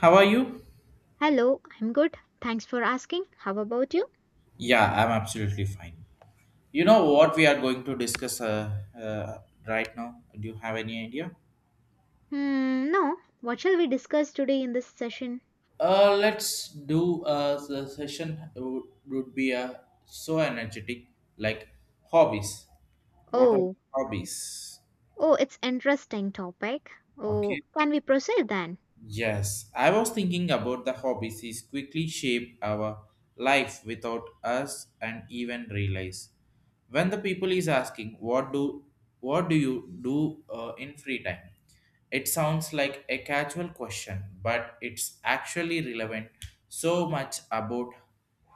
How are you? Hello, I'm good. Thanks for asking. How about you? Yeah, I'm absolutely fine. You know what we are going to discuss right now? Do you have any idea? Hmm, no. What shall we discuss today in this session? Let's do the session would be so energetic like hobbies. What are the Oh, hobbies? oh, it's interesting topic. Oh, Okay. can we proceed then? Yes, I was thinking about the hobbies is quickly shape our life without us and even realize. When the people is asking what do you do in free time, it sounds like a casual question, but it's actually relevant so much about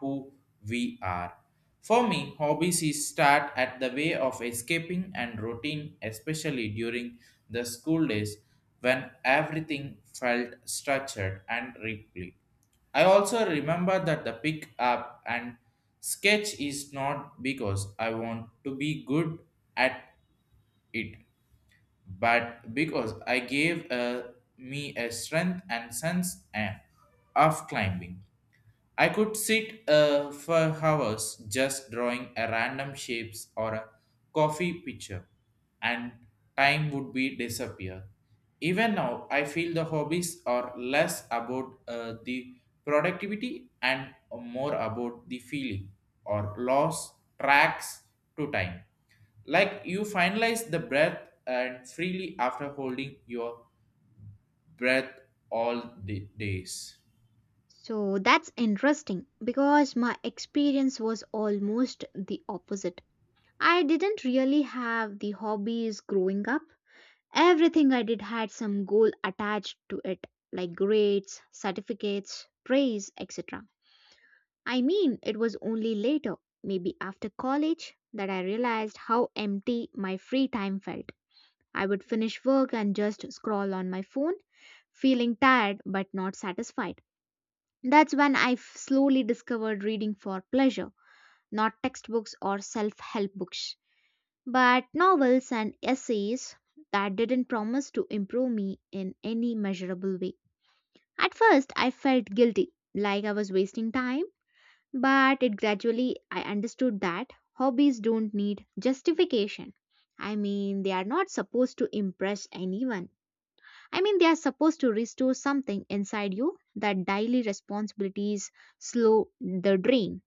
who we are. For me, hobbies is start at the way of escaping and routine, especially during the school days when everything felt structured and replete. I also remember that the pick up and sketch is not because I want to be good at it, but because I gave me a strength and sense of climbing. I could sit for hours just drawing a random shapes or a coffee picture, and time would be disappear. Even now, I feel the hobbies are less about the productivity and more about the feeling or loss tracks to time. Like you finalize the breath and freely after holding your breath all the days. So that's interesting because my experience was almost the opposite. I didn't really have the hobbies growing up. Everything I did had some goal attached to it, like grades, certificates, praise, etc. I mean, it was only later, maybe after college, that I realized how empty my free time felt. I would finish work and just scroll on my phone, feeling tired but not satisfied. That's when I slowly discovered reading for pleasure, not textbooks or self help books, but novels and essays that didn't promise to improve me in any measurable way. At first, I felt guilty, like I was wasting time. But it gradually I understood that hobbies don't need justification. I mean, they are not supposed to impress anyone. I mean, they are supposed to restore something inside you that daily responsibilities slow the drain.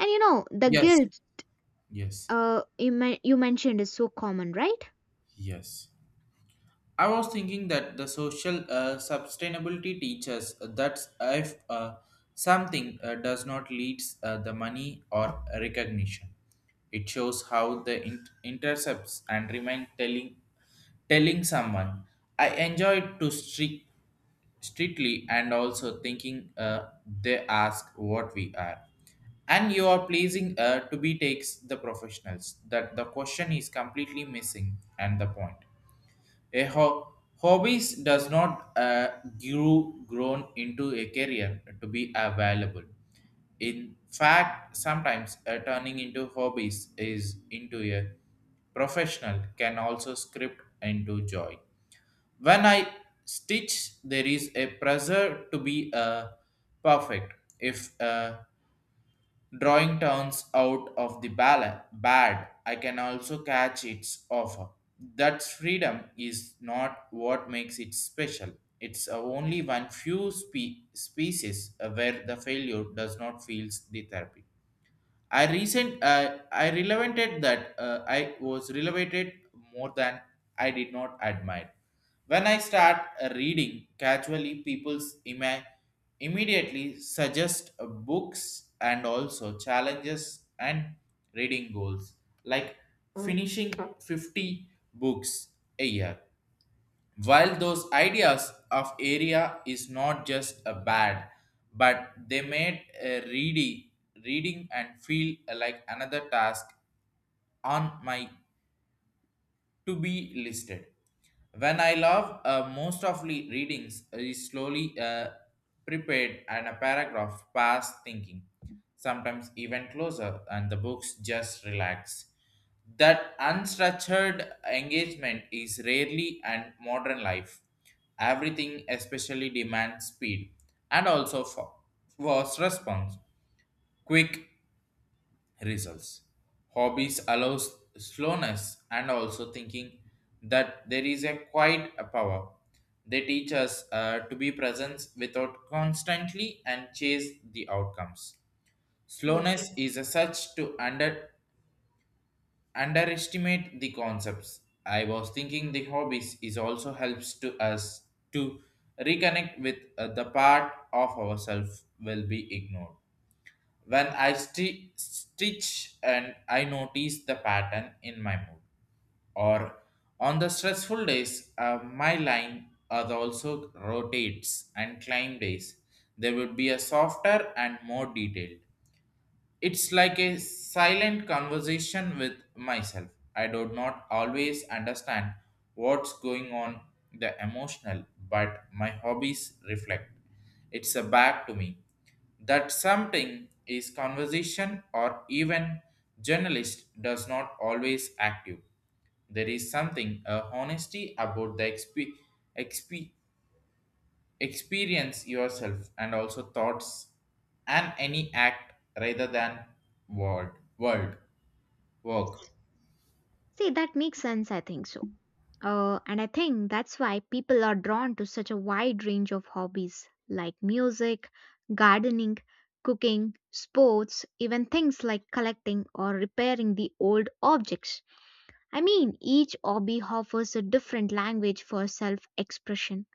And you know, the Yes. guilt Yes. You mentioned is so common, right? Yes. I was thinking that the social sustainability teaches that if something does not lead the money or recognition, it shows how the intercepts and remain telling someone. I enjoyed to streak strictly and also thinking they ask what we are and you are pleasing to be takes the professionals that the question is completely missing and the point a hobbies does not grown into a career to be available. In fact, sometimes turning into hobbies is into a professional can also script into joy. When I stitch, there is a pressure to be perfect. If drawing turns out of the bad, I can also catch its offer that freedom is not what makes it special. It's only one few species where the failure does not feel the therapy. I recent I relevanted that I was relevated more than I did not admire. When I start reading casually, immediately suggest books and also challenges and reading goals like finishing 50 books a year, while those ideas of area is not just a bad, but they made a reading and feel like another task on my to be listed. When I love most of readings is slowly prepared and a paragraph past thinking, sometimes even closer, and the books just relax. That unstructured engagement is rarely and modern life. Everything especially demands speed and also fast response, quick results. Hobbies allows slowness and also thinking that there is a quiet power. They teach us to be present without constantly and chase the outcomes. Yes, Slowness is a such to underestimate the concepts. I was thinking the hobbies is also helps to us to reconnect with the part of ourselves will be ignored. When I stitch and I notice the pattern in my mood, or on the stressful days, my line are also rotates and climb days. There would be a softer and more detailed. It's like a silent conversation with myself. I do not always understand what's going on the emotional, but my hobbies reflect. It's a back to me that something is conversation or even journalist does not always active. There is something a honesty about the exp- experience yourself and also thoughts and any act rather than word word work. yes. See, that makes sense, I think so. And I think that's why people are drawn to such a wide range of hobbies like music, gardening, cooking, sports, even things like collecting or repairing the old objects. I mean, each hobby offers a different language for self expression.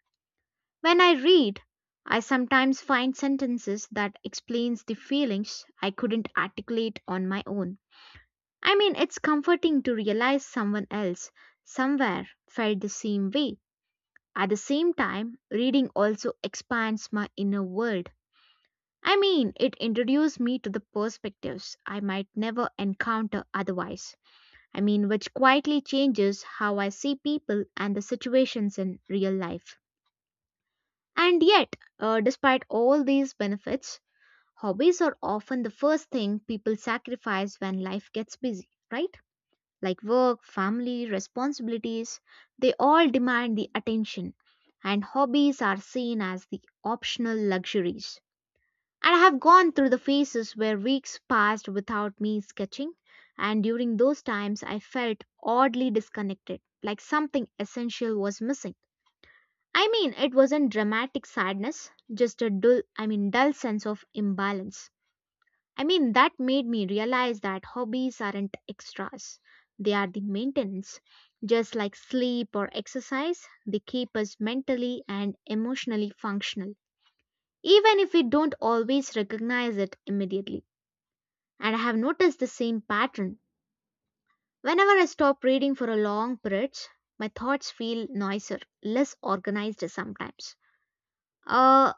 When I read, I sometimes find sentences that explains the feelings I couldn't articulate on my own. I mean, it's comforting to realize someone else somewhere felt the same way. At the same time, reading also expands my inner world. I mean, it introduced me to the perspectives I might never encounter otherwise. I mean, which quietly changes how I see people and the situations in real life. And yet, despite all these benefits, hobbies are often the first thing people sacrifice when life gets busy, right? Like work, family, responsibilities, they all demand the attention, and hobbies are seen as the optional luxuries. And I have gone through the phases where weeks passed without me sketching, and during those times I felt oddly disconnected, like something essential was missing. I mean, it wasn't dramatic sadness, just a dull, I mean, dull sense of imbalance. I mean, that made me realize that hobbies aren't extras, they are the maintenance. Just like sleep or exercise, they keep us mentally and emotionally functional, even if we don't always recognize it immediately. And I have noticed the same pattern. Whenever I stop reading for a long period, my thoughts feel noisier, less organized sometimes. Uh,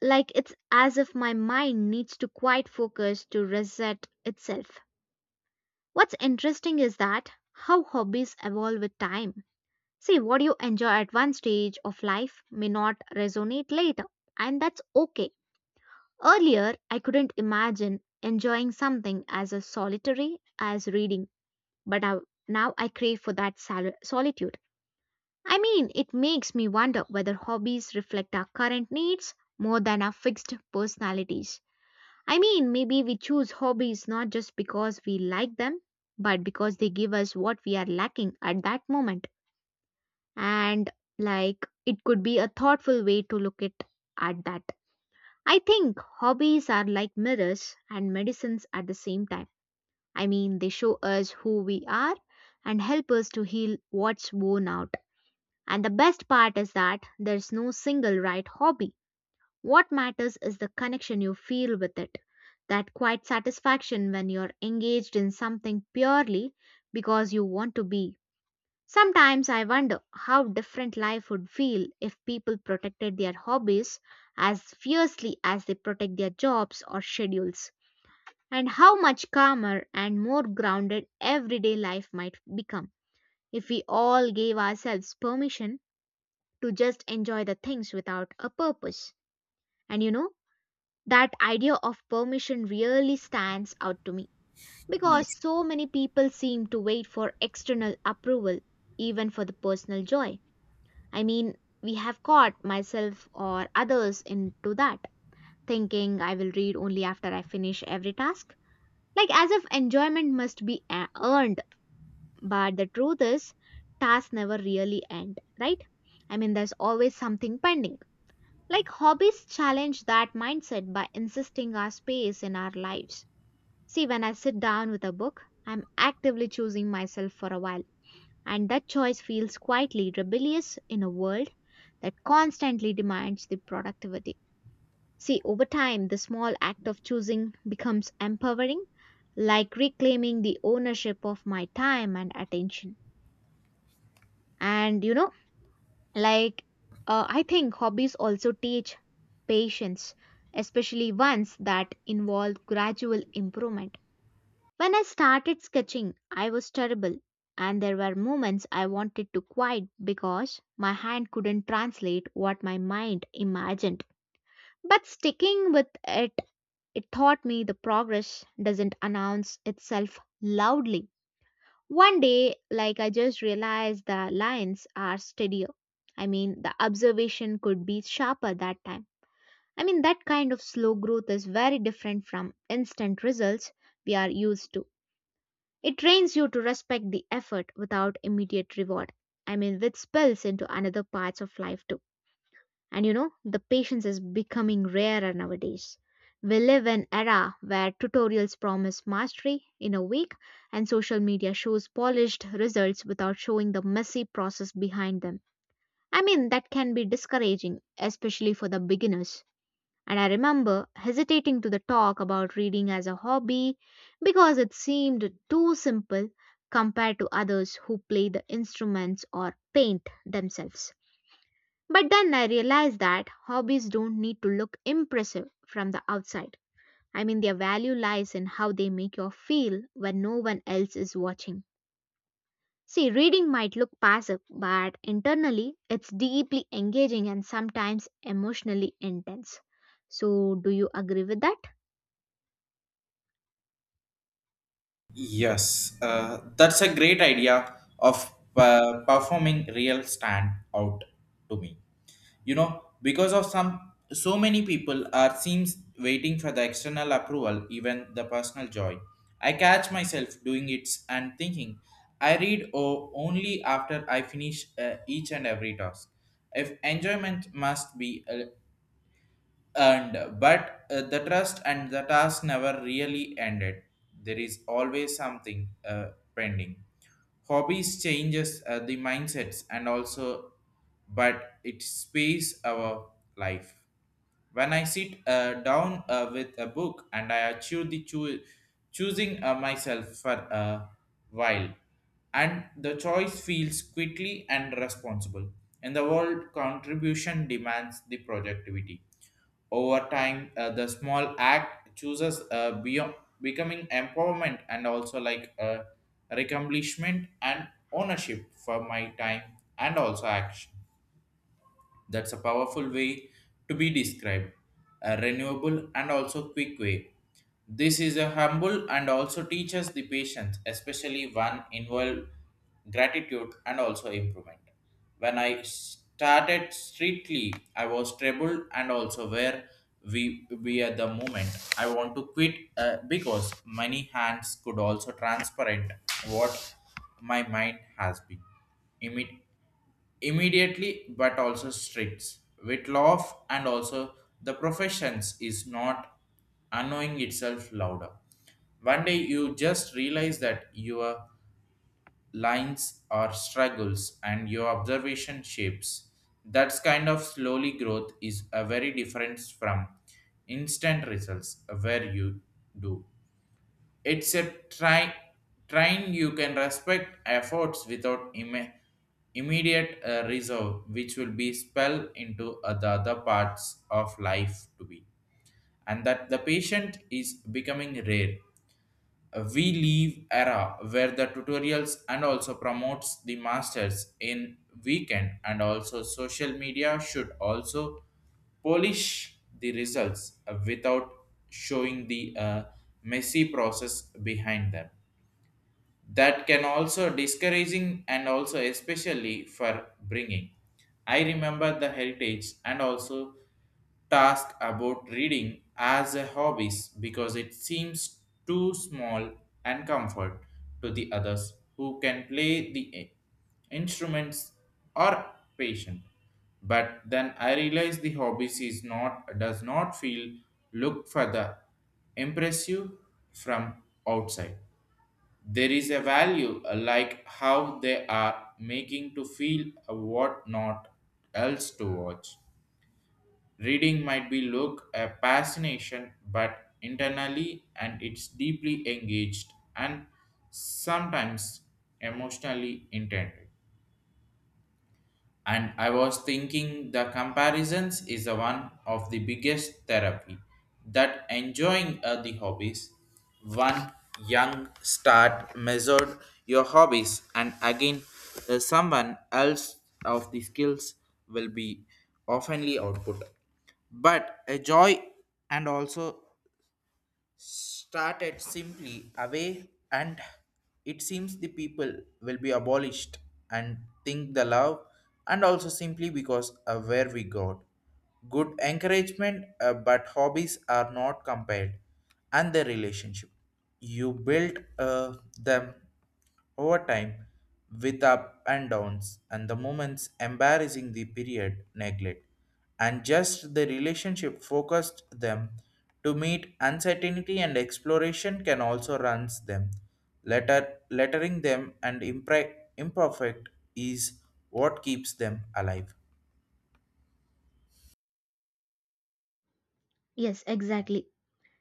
like it's as if my mind needs to quite focus to reset itself. What's interesting is that how hobbies evolve with time. See, what you enjoy at one stage of life may not resonate later, and that's okay. Earlier, I couldn't imagine enjoying something as a solitary as reading, but now I crave for that solitude. I mean, it makes me wonder whether hobbies reflect our current needs more than our fixed personalities. I mean, maybe we choose hobbies not just because we like them, but because they give us what we are lacking at that moment. And like, it could be a thoughtful way to look at that. I think hobbies are like mirrors and medicines at the same time. I mean, they show us who we are and help us to heal what's worn out. And the best part is that there's no single right hobby. What matters is the connection you feel with it, that quiet satisfaction when you're engaged in something purely because you want to be. Sometimes I wonder how different life would feel if people protected their hobbies as fiercely as they protect their jobs or schedules, and how much calmer and more grounded everyday life might become if we all gave ourselves permission to just enjoy the things without a purpose. And you know, that idea of permission really stands out to me because so many people seem to wait for external approval, even for the personal joy. I mean, we have caught myself or others into that, thinking I will read only after I finish every task. Like as if enjoyment must be earned, but the truth is, tasks never really end, right? I mean, there's always something pending. Like hobbies challenge that mindset by insisting our space in our lives. See, when I sit down with a book, I'm actively choosing myself for a while, and that choice feels quietly rebellious in a world that constantly demands the productivity. See, over time, the small act of choosing becomes empowering, like reclaiming the ownership of my time and attention. And you know, like I think hobbies also teach patience, especially ones that involve gradual improvement. When I started sketching, I was terrible, and there were moments I wanted to quit because my hand couldn't translate what my mind imagined. But sticking with it, it taught me the progress doesn't announce itself loudly. One day, like I just realized the lines are steadier. I mean, the observation could be sharper that time. I mean, that kind of slow growth is very different from instant results we are used to. It trains you to respect the effort without immediate reward. I mean, which spills into another parts of life too. And you know, the patience is becoming rarer nowadays. We live in era where tutorials promise mastery in a week and social media shows polished results without showing the messy process behind them. I mean, that can be discouraging, especially for the beginners. And I remember hesitating to the talk about reading as a hobby because it seemed too simple compared to others who play the instruments or paint themselves. But then I realized that hobbies don't need to look impressive from the outside. I mean, their value lies in how they make you feel when no one else is watching. See, reading might look passive, but internally it's deeply engaging and sometimes emotionally intense. So, do you agree with that? Yes, that's a great idea of performing real stand out to me. You know, because of some so many people are seems waiting for the external approval, even the personal joy. I catch myself doing it and thinking I read only after I finish each and every task. If enjoyment must be and but the trust and the task never really ended. There is always something pending. Hobbies changes the mindsets and also but it space our life. When I sit down with a book and I achieve the choosing myself for a while, and the choice feels quickly and responsible in the world contribution demands the productivity. Over time, the small act chooses beyond becoming empowerment and also recomplishment and ownership for my time and also action. That's a powerful way to be described, a renewable and also quick way. This is a humble and also teaches the patience, especially one involved gratitude and also improvement. When I started strictly, I was troubled and also where we at the moment. I want to quit because many hands could also transparent what my mind has been. Immediately immediately but also strict with law and also the professions is not annoying itself louder. One day you just realize that your lines are struggles and your observation shapes. That's kind of slowly growth is a very difference from instant results where you do. It's a try, train you can respect efforts without immediate resolve, which will be spell into the other parts of life to be. And that the patient is becoming rare. We live era where the tutorials and also promotes the masters in weekend and also social media should also polish the results without showing the messy process behind them. That can also discouraging and also especially for bringing. I remember the heritage and also task about reading as a hobbies because it seems too small and comfort to the others who can play the instruments or patient. But then I realized the hobbies is not does not feel look for the impressive from outside. There is a value like how they are making to feel what not else to watch. Reading might be look a fascination, but internally and it's deeply engaged and sometimes emotionally intent. And I was thinking the comparisons is the one of the biggest therapy that enjoying the hobbies one young start measured your hobbies and again someone else of the skills will be oftenly output, but a joy and also started simply away, and it seems the people will be abolished and think the love and also simply because where we got good encouragement but hobbies are not compared, and the relationship you built them over time, with up and downs and the moments embarrassing the period neglect, and just the relationship focused them to meet uncertainty and exploration can also runs them. Letter, lettering them and imperfect is what keeps them alive. Yes, exactly.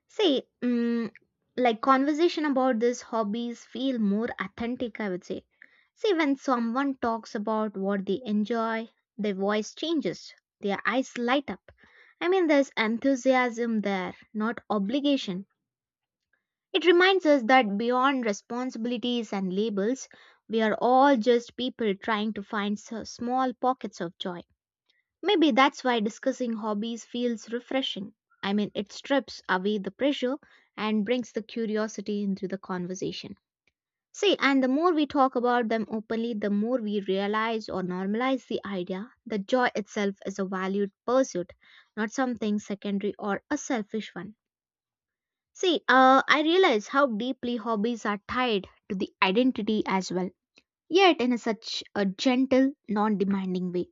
See, like conversation about these hobbies feel more authentic, I would say. See, when someone talks about what they enjoy, their voice changes, their eyes light up. I mean, there's enthusiasm there, not obligation. It reminds us that beyond responsibilities and labels, we are all just people trying to find small pockets of joy. Maybe that's why discussing hobbies feels refreshing. I mean, it strips away the pressure and brings the curiosity into the conversation. See, and the more we talk about them openly, the more we realize or normalize the idea that joy itself is a valued pursuit, not something secondary or a selfish one. See, I realize how deeply hobbies are tied to the identity as well, yet in a such a gentle, non demanding way.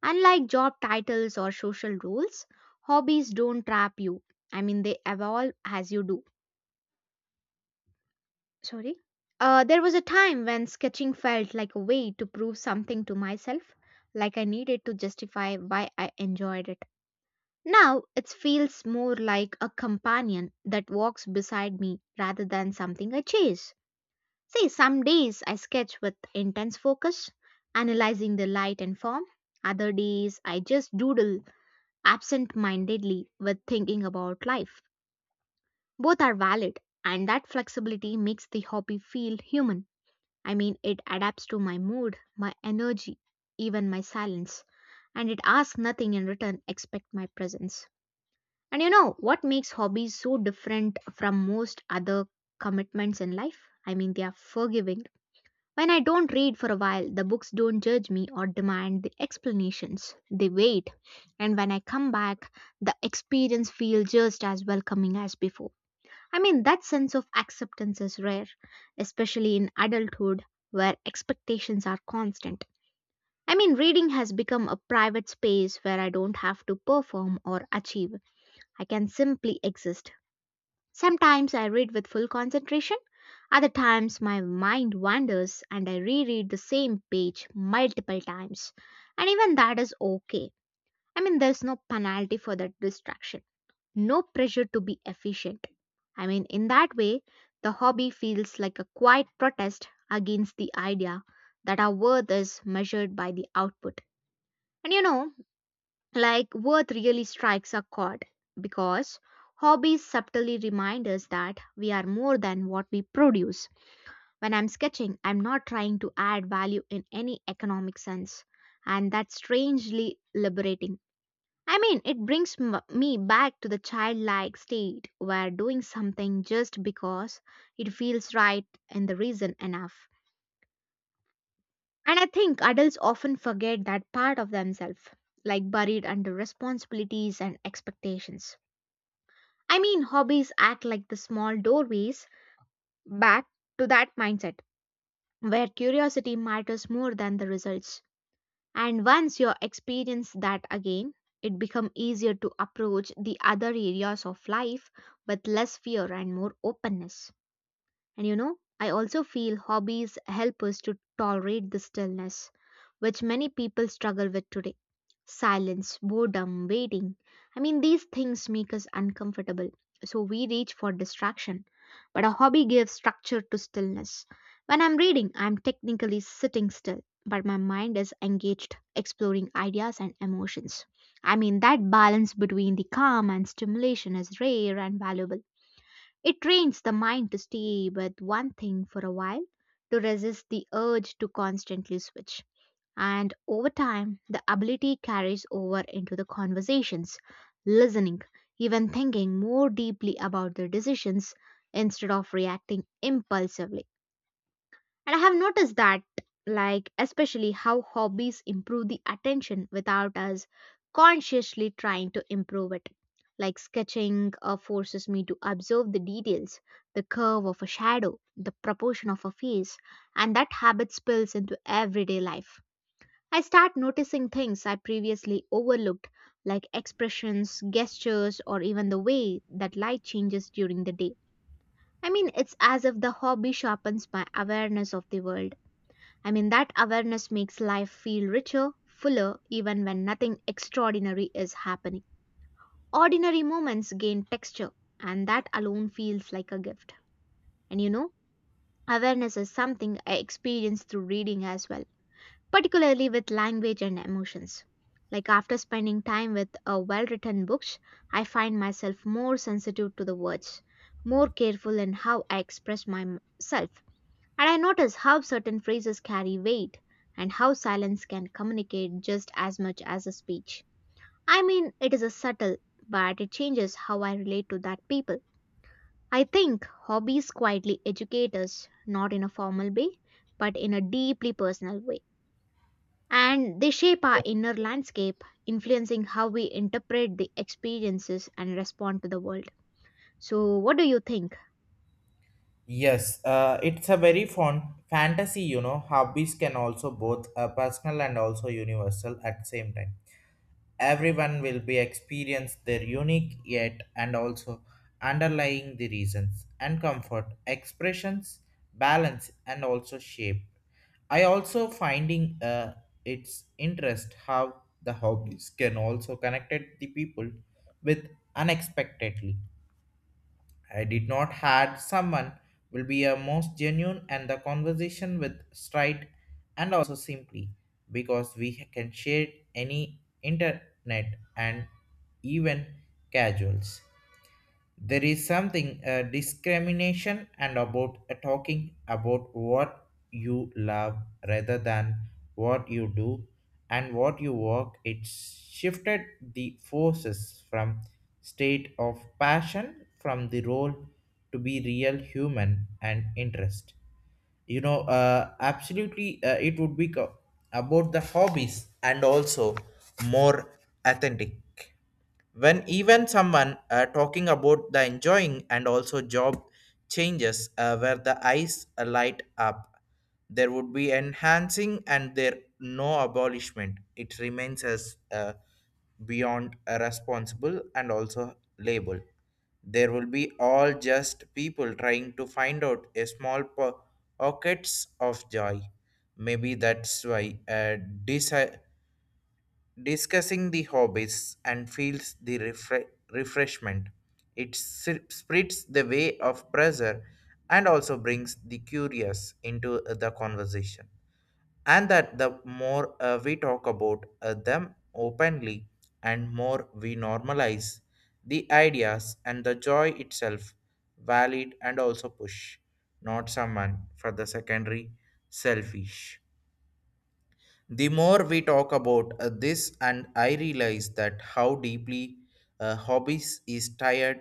Unlike job titles or social roles, hobbies don't trap you. I mean, they evolve as you do. Sorry. There was a time when sketching felt like a way to prove something to myself, like I needed to justify why I enjoyed it. Now it feels more like a companion that walks beside me rather than something I chase. See, some days I sketch with intense focus, analyzing the light and form. Other days I just doodle absent mindedly with thinking about life. Both are valid, and that flexibility makes the hobby feel human. I mean, it adapts to my mood, my energy, even my silence, and it asks nothing in return except my presence. And you know what makes hobbies so different from most other commitments in life? I mean, they are forgiving. When I don't read for a while, the books don't judge me or demand the explanations. They wait, and when I come back, the experience feels just as welcoming as before. I mean, that sense of acceptance is rare, especially in adulthood where expectations are constant. I mean, reading has become a private space where I don't have to perform or achieve. I can simply exist. Sometimes I read with full concentration, other times my mind wanders and I reread the same page multiple times. And even that is okay. I mean, there's no penalty for that distraction, no pressure to be efficient. I mean, in that way, the hobby feels like a quiet protest against the idea that our worth is measured by the output. And you know, like, worth really strikes a chord because hobbies subtly remind us that we are more than what we produce. When I'm sketching, I'm not trying to add value in any economic sense, and that's strangely liberating. I mean, it brings me back to the childlike state where doing something just because it feels right and the reason enough. And I think adults often forget that part of themselves, like buried under responsibilities and expectations. I mean, hobbies act like the small doorways back to that mindset where curiosity matters more than the results. And once you experience that again, it becomes easier to approach the other areas of life with less fear and more openness. And you know, I also feel hobbies help us to tolerate the stillness, which many people struggle with today. Silence, boredom, waiting. I mean, these things make us uncomfortable, so we reach for distraction. But a hobby gives structure to stillness. When I'm reading, I'm technically sitting still, but my mind is engaged, exploring ideas and emotions. I mean, that balance between the calm and stimulation is rare and valuable. It trains the mind to stay with one thing for a while, to resist the urge to constantly switch. And over time, the ability carries over into the conversations, listening, even thinking more deeply about their decisions instead of reacting impulsively. And I have noticed that, like, especially how hobbies improve the attention without us consciously trying to improve it. Like, sketching forces me to observe the details, the curve of a shadow, the proportion of a face, and that habit spills into everyday life. I start noticing things I previously overlooked, like expressions, gestures, or even the way that light changes during the day. I mean, it's as if the hobby sharpens my awareness of the world. I mean, that awareness makes life feel richer, fuller, even when nothing extraordinary is happening. Ordinary moments gain texture, and that alone feels like a gift. And you know, awareness is something I experienced through reading as well, particularly with language and emotions. Like after spending time with a well written books, I find myself more sensitive to the words, more careful in how I express myself, and I notice how certain phrases carry weight and how silence can communicate just as much as a speech. I mean, it is a subtle, but it changes how I relate to that people. I think hobbies quietly educate us, not in a formal way, but in a deeply personal way. And they shape our inner landscape, influencing how we interpret the experiences and respond to the world. So, what do you think? Yes, it's a very fun fantasy, you know. Hobbies can also both personal and also universal at the same time. Everyone will be experience their unique yet and also underlying the reasons and comfort expressions balance and also shape. I also finding its interest how the hobbies can also connected the people with unexpectedly. I did not had someone will be a most genuine and the conversation with straight and also simply because we can share any internet and even casuals. There is something discrimination and about talking about what you love rather than what you do and what you work. It shifted the forces from state of passion from the role to be real human and interest. You know, absolutely, it would be about the hobbies and also more authentic when even someone talking about the enjoying and also job changes where the eyes light up. There would be enhancing and there no abolishment, it remains as beyond responsible and also label. There will be all just people trying to find out a small pockets of joy. Maybe that's why desi- discussing the hobbies and feels the refreshment. It spreads the way of pressure and also brings the curious into the conversation. And that the more we talk about them openly and more we normalize the ideas and the joy itself, valid and also push, not someone for the secondary selfish. The more we talk about this and I realize that how deeply hobbies is tired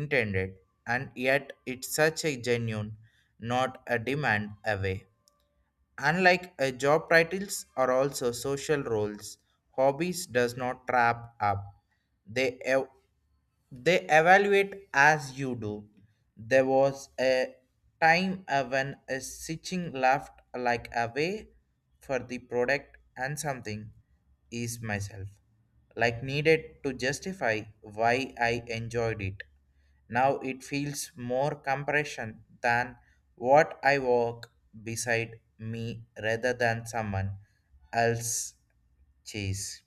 intended, and yet it's such a genuine, not a demand away. Unlike a job titles are also social roles, hobbies does not trap up. They ev- they evaluate as you do. There was a time when a stitching laughed like away for the product and something is myself. Like needed to justify why I enjoyed it. Now it feels more compression than what I work beside me rather than someone else chase.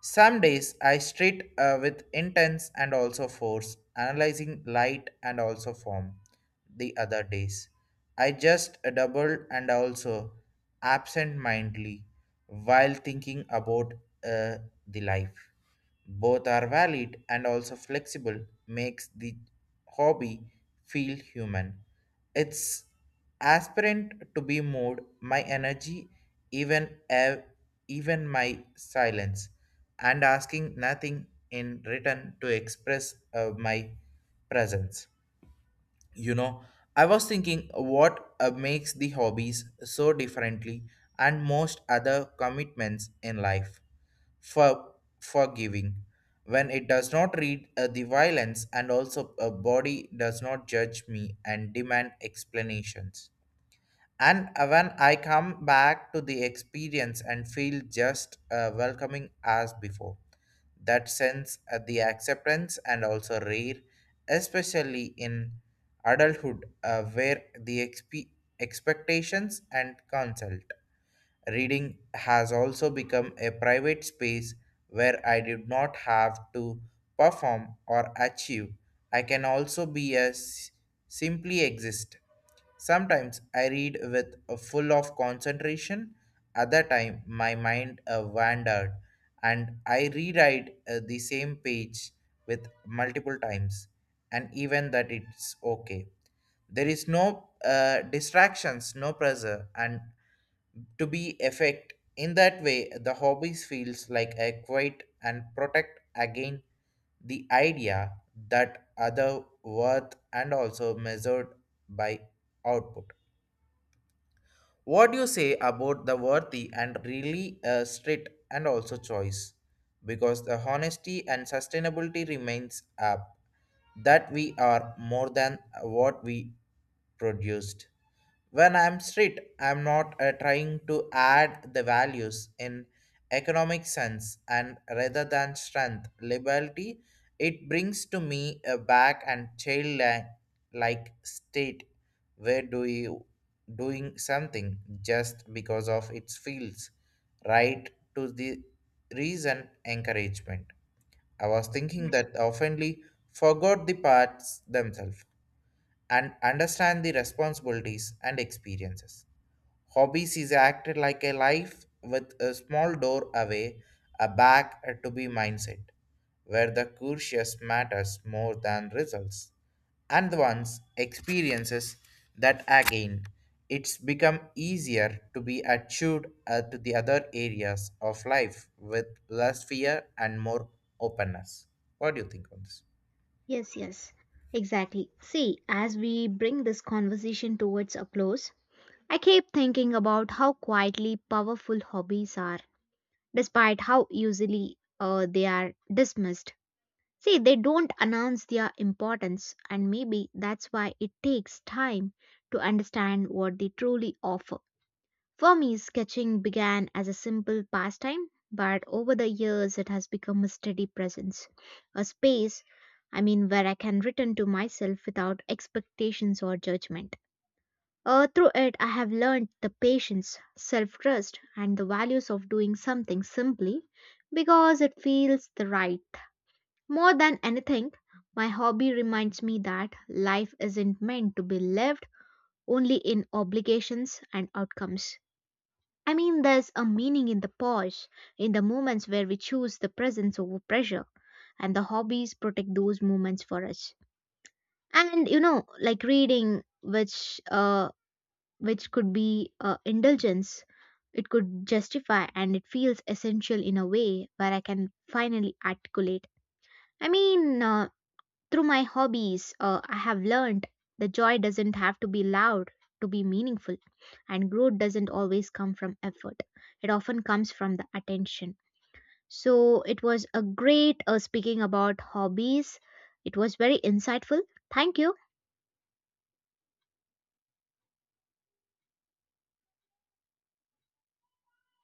Some days I street with intense and also force, analyzing light and also form. The other days, I just double and also absent mindedly while thinking about uh, the life. Both are valid and also flexible, makes the hobby feel human. It's aspirant to be moved, my energy, even ev- even my silence, and asking nothing in return to express my presence. You know, I was thinking what makes the hobbies so differently and most other commitments in life for forgiving. When it does not read the violence and also a body does not judge me and demand explanations, and when I come back to the experience and feel just welcoming as before. That sense the acceptance and also rare, especially in adulthood where the expectations and consult. Reading has also become a private space where I did not have to perform or achieve. I can also be a simply exist. Sometimes I read with a full of concentration, other time my mind wandered and I rewrite the same page with multiple times, and even that it's okay. There is no distractions, no pressure and to be effect. In that way the hobbies feels like a quiet and protect again the idea that other worth and also measured by output. What do you say about the worthy and really strict and also choice, because the honesty and sustainability remains up that we are more than what we produced. When I'm strict, I'm not trying to add the values in economic sense and rather than strength, liberty, it brings to me a back and childlike state where do you doing something just because of its feels right to the reason encouragement. I was thinking that oftenly forgot the parts themselves and understand the responsibilities and experiences. Hobbies is acted like a life with a small door away, a back to be mindset, where the curious matters more than results, and one's experiences that again it's become easier to be achieved at the other areas of life with less fear and more openness. What do you think on this? Yes, yes, exactly. See, as we bring this conversation towards a close, I keep thinking about how quietly powerful hobbies are, despite how easily they are dismissed. See, they don't announce their importance, and maybe that's why it takes time to understand what they truly offer. For me, sketching began as a simple pastime, but over the years it has become a steady presence, a space, I mean, where I can return to myself without expectations or judgment. Through it, I have learned the patience, self trust, and the values of doing something simply because it feels the right. More than anything, my hobby reminds me that life isn't meant to be lived only in obligations and outcomes. I mean, there's a meaning in the pause, in the moments where we choose the presence over pressure, and the hobbies protect those moments for us. And you know, like reading, which could be indulgence, it could justify, and it feels essential in a way where I can finally articulate. I mean, through my hobbies, I have learned the joy doesn't have to be loud to be meaningful, and growth doesn't always come from effort. It often comes from the attention. So it was a great speaking about hobbies. It was very insightful. Thank you.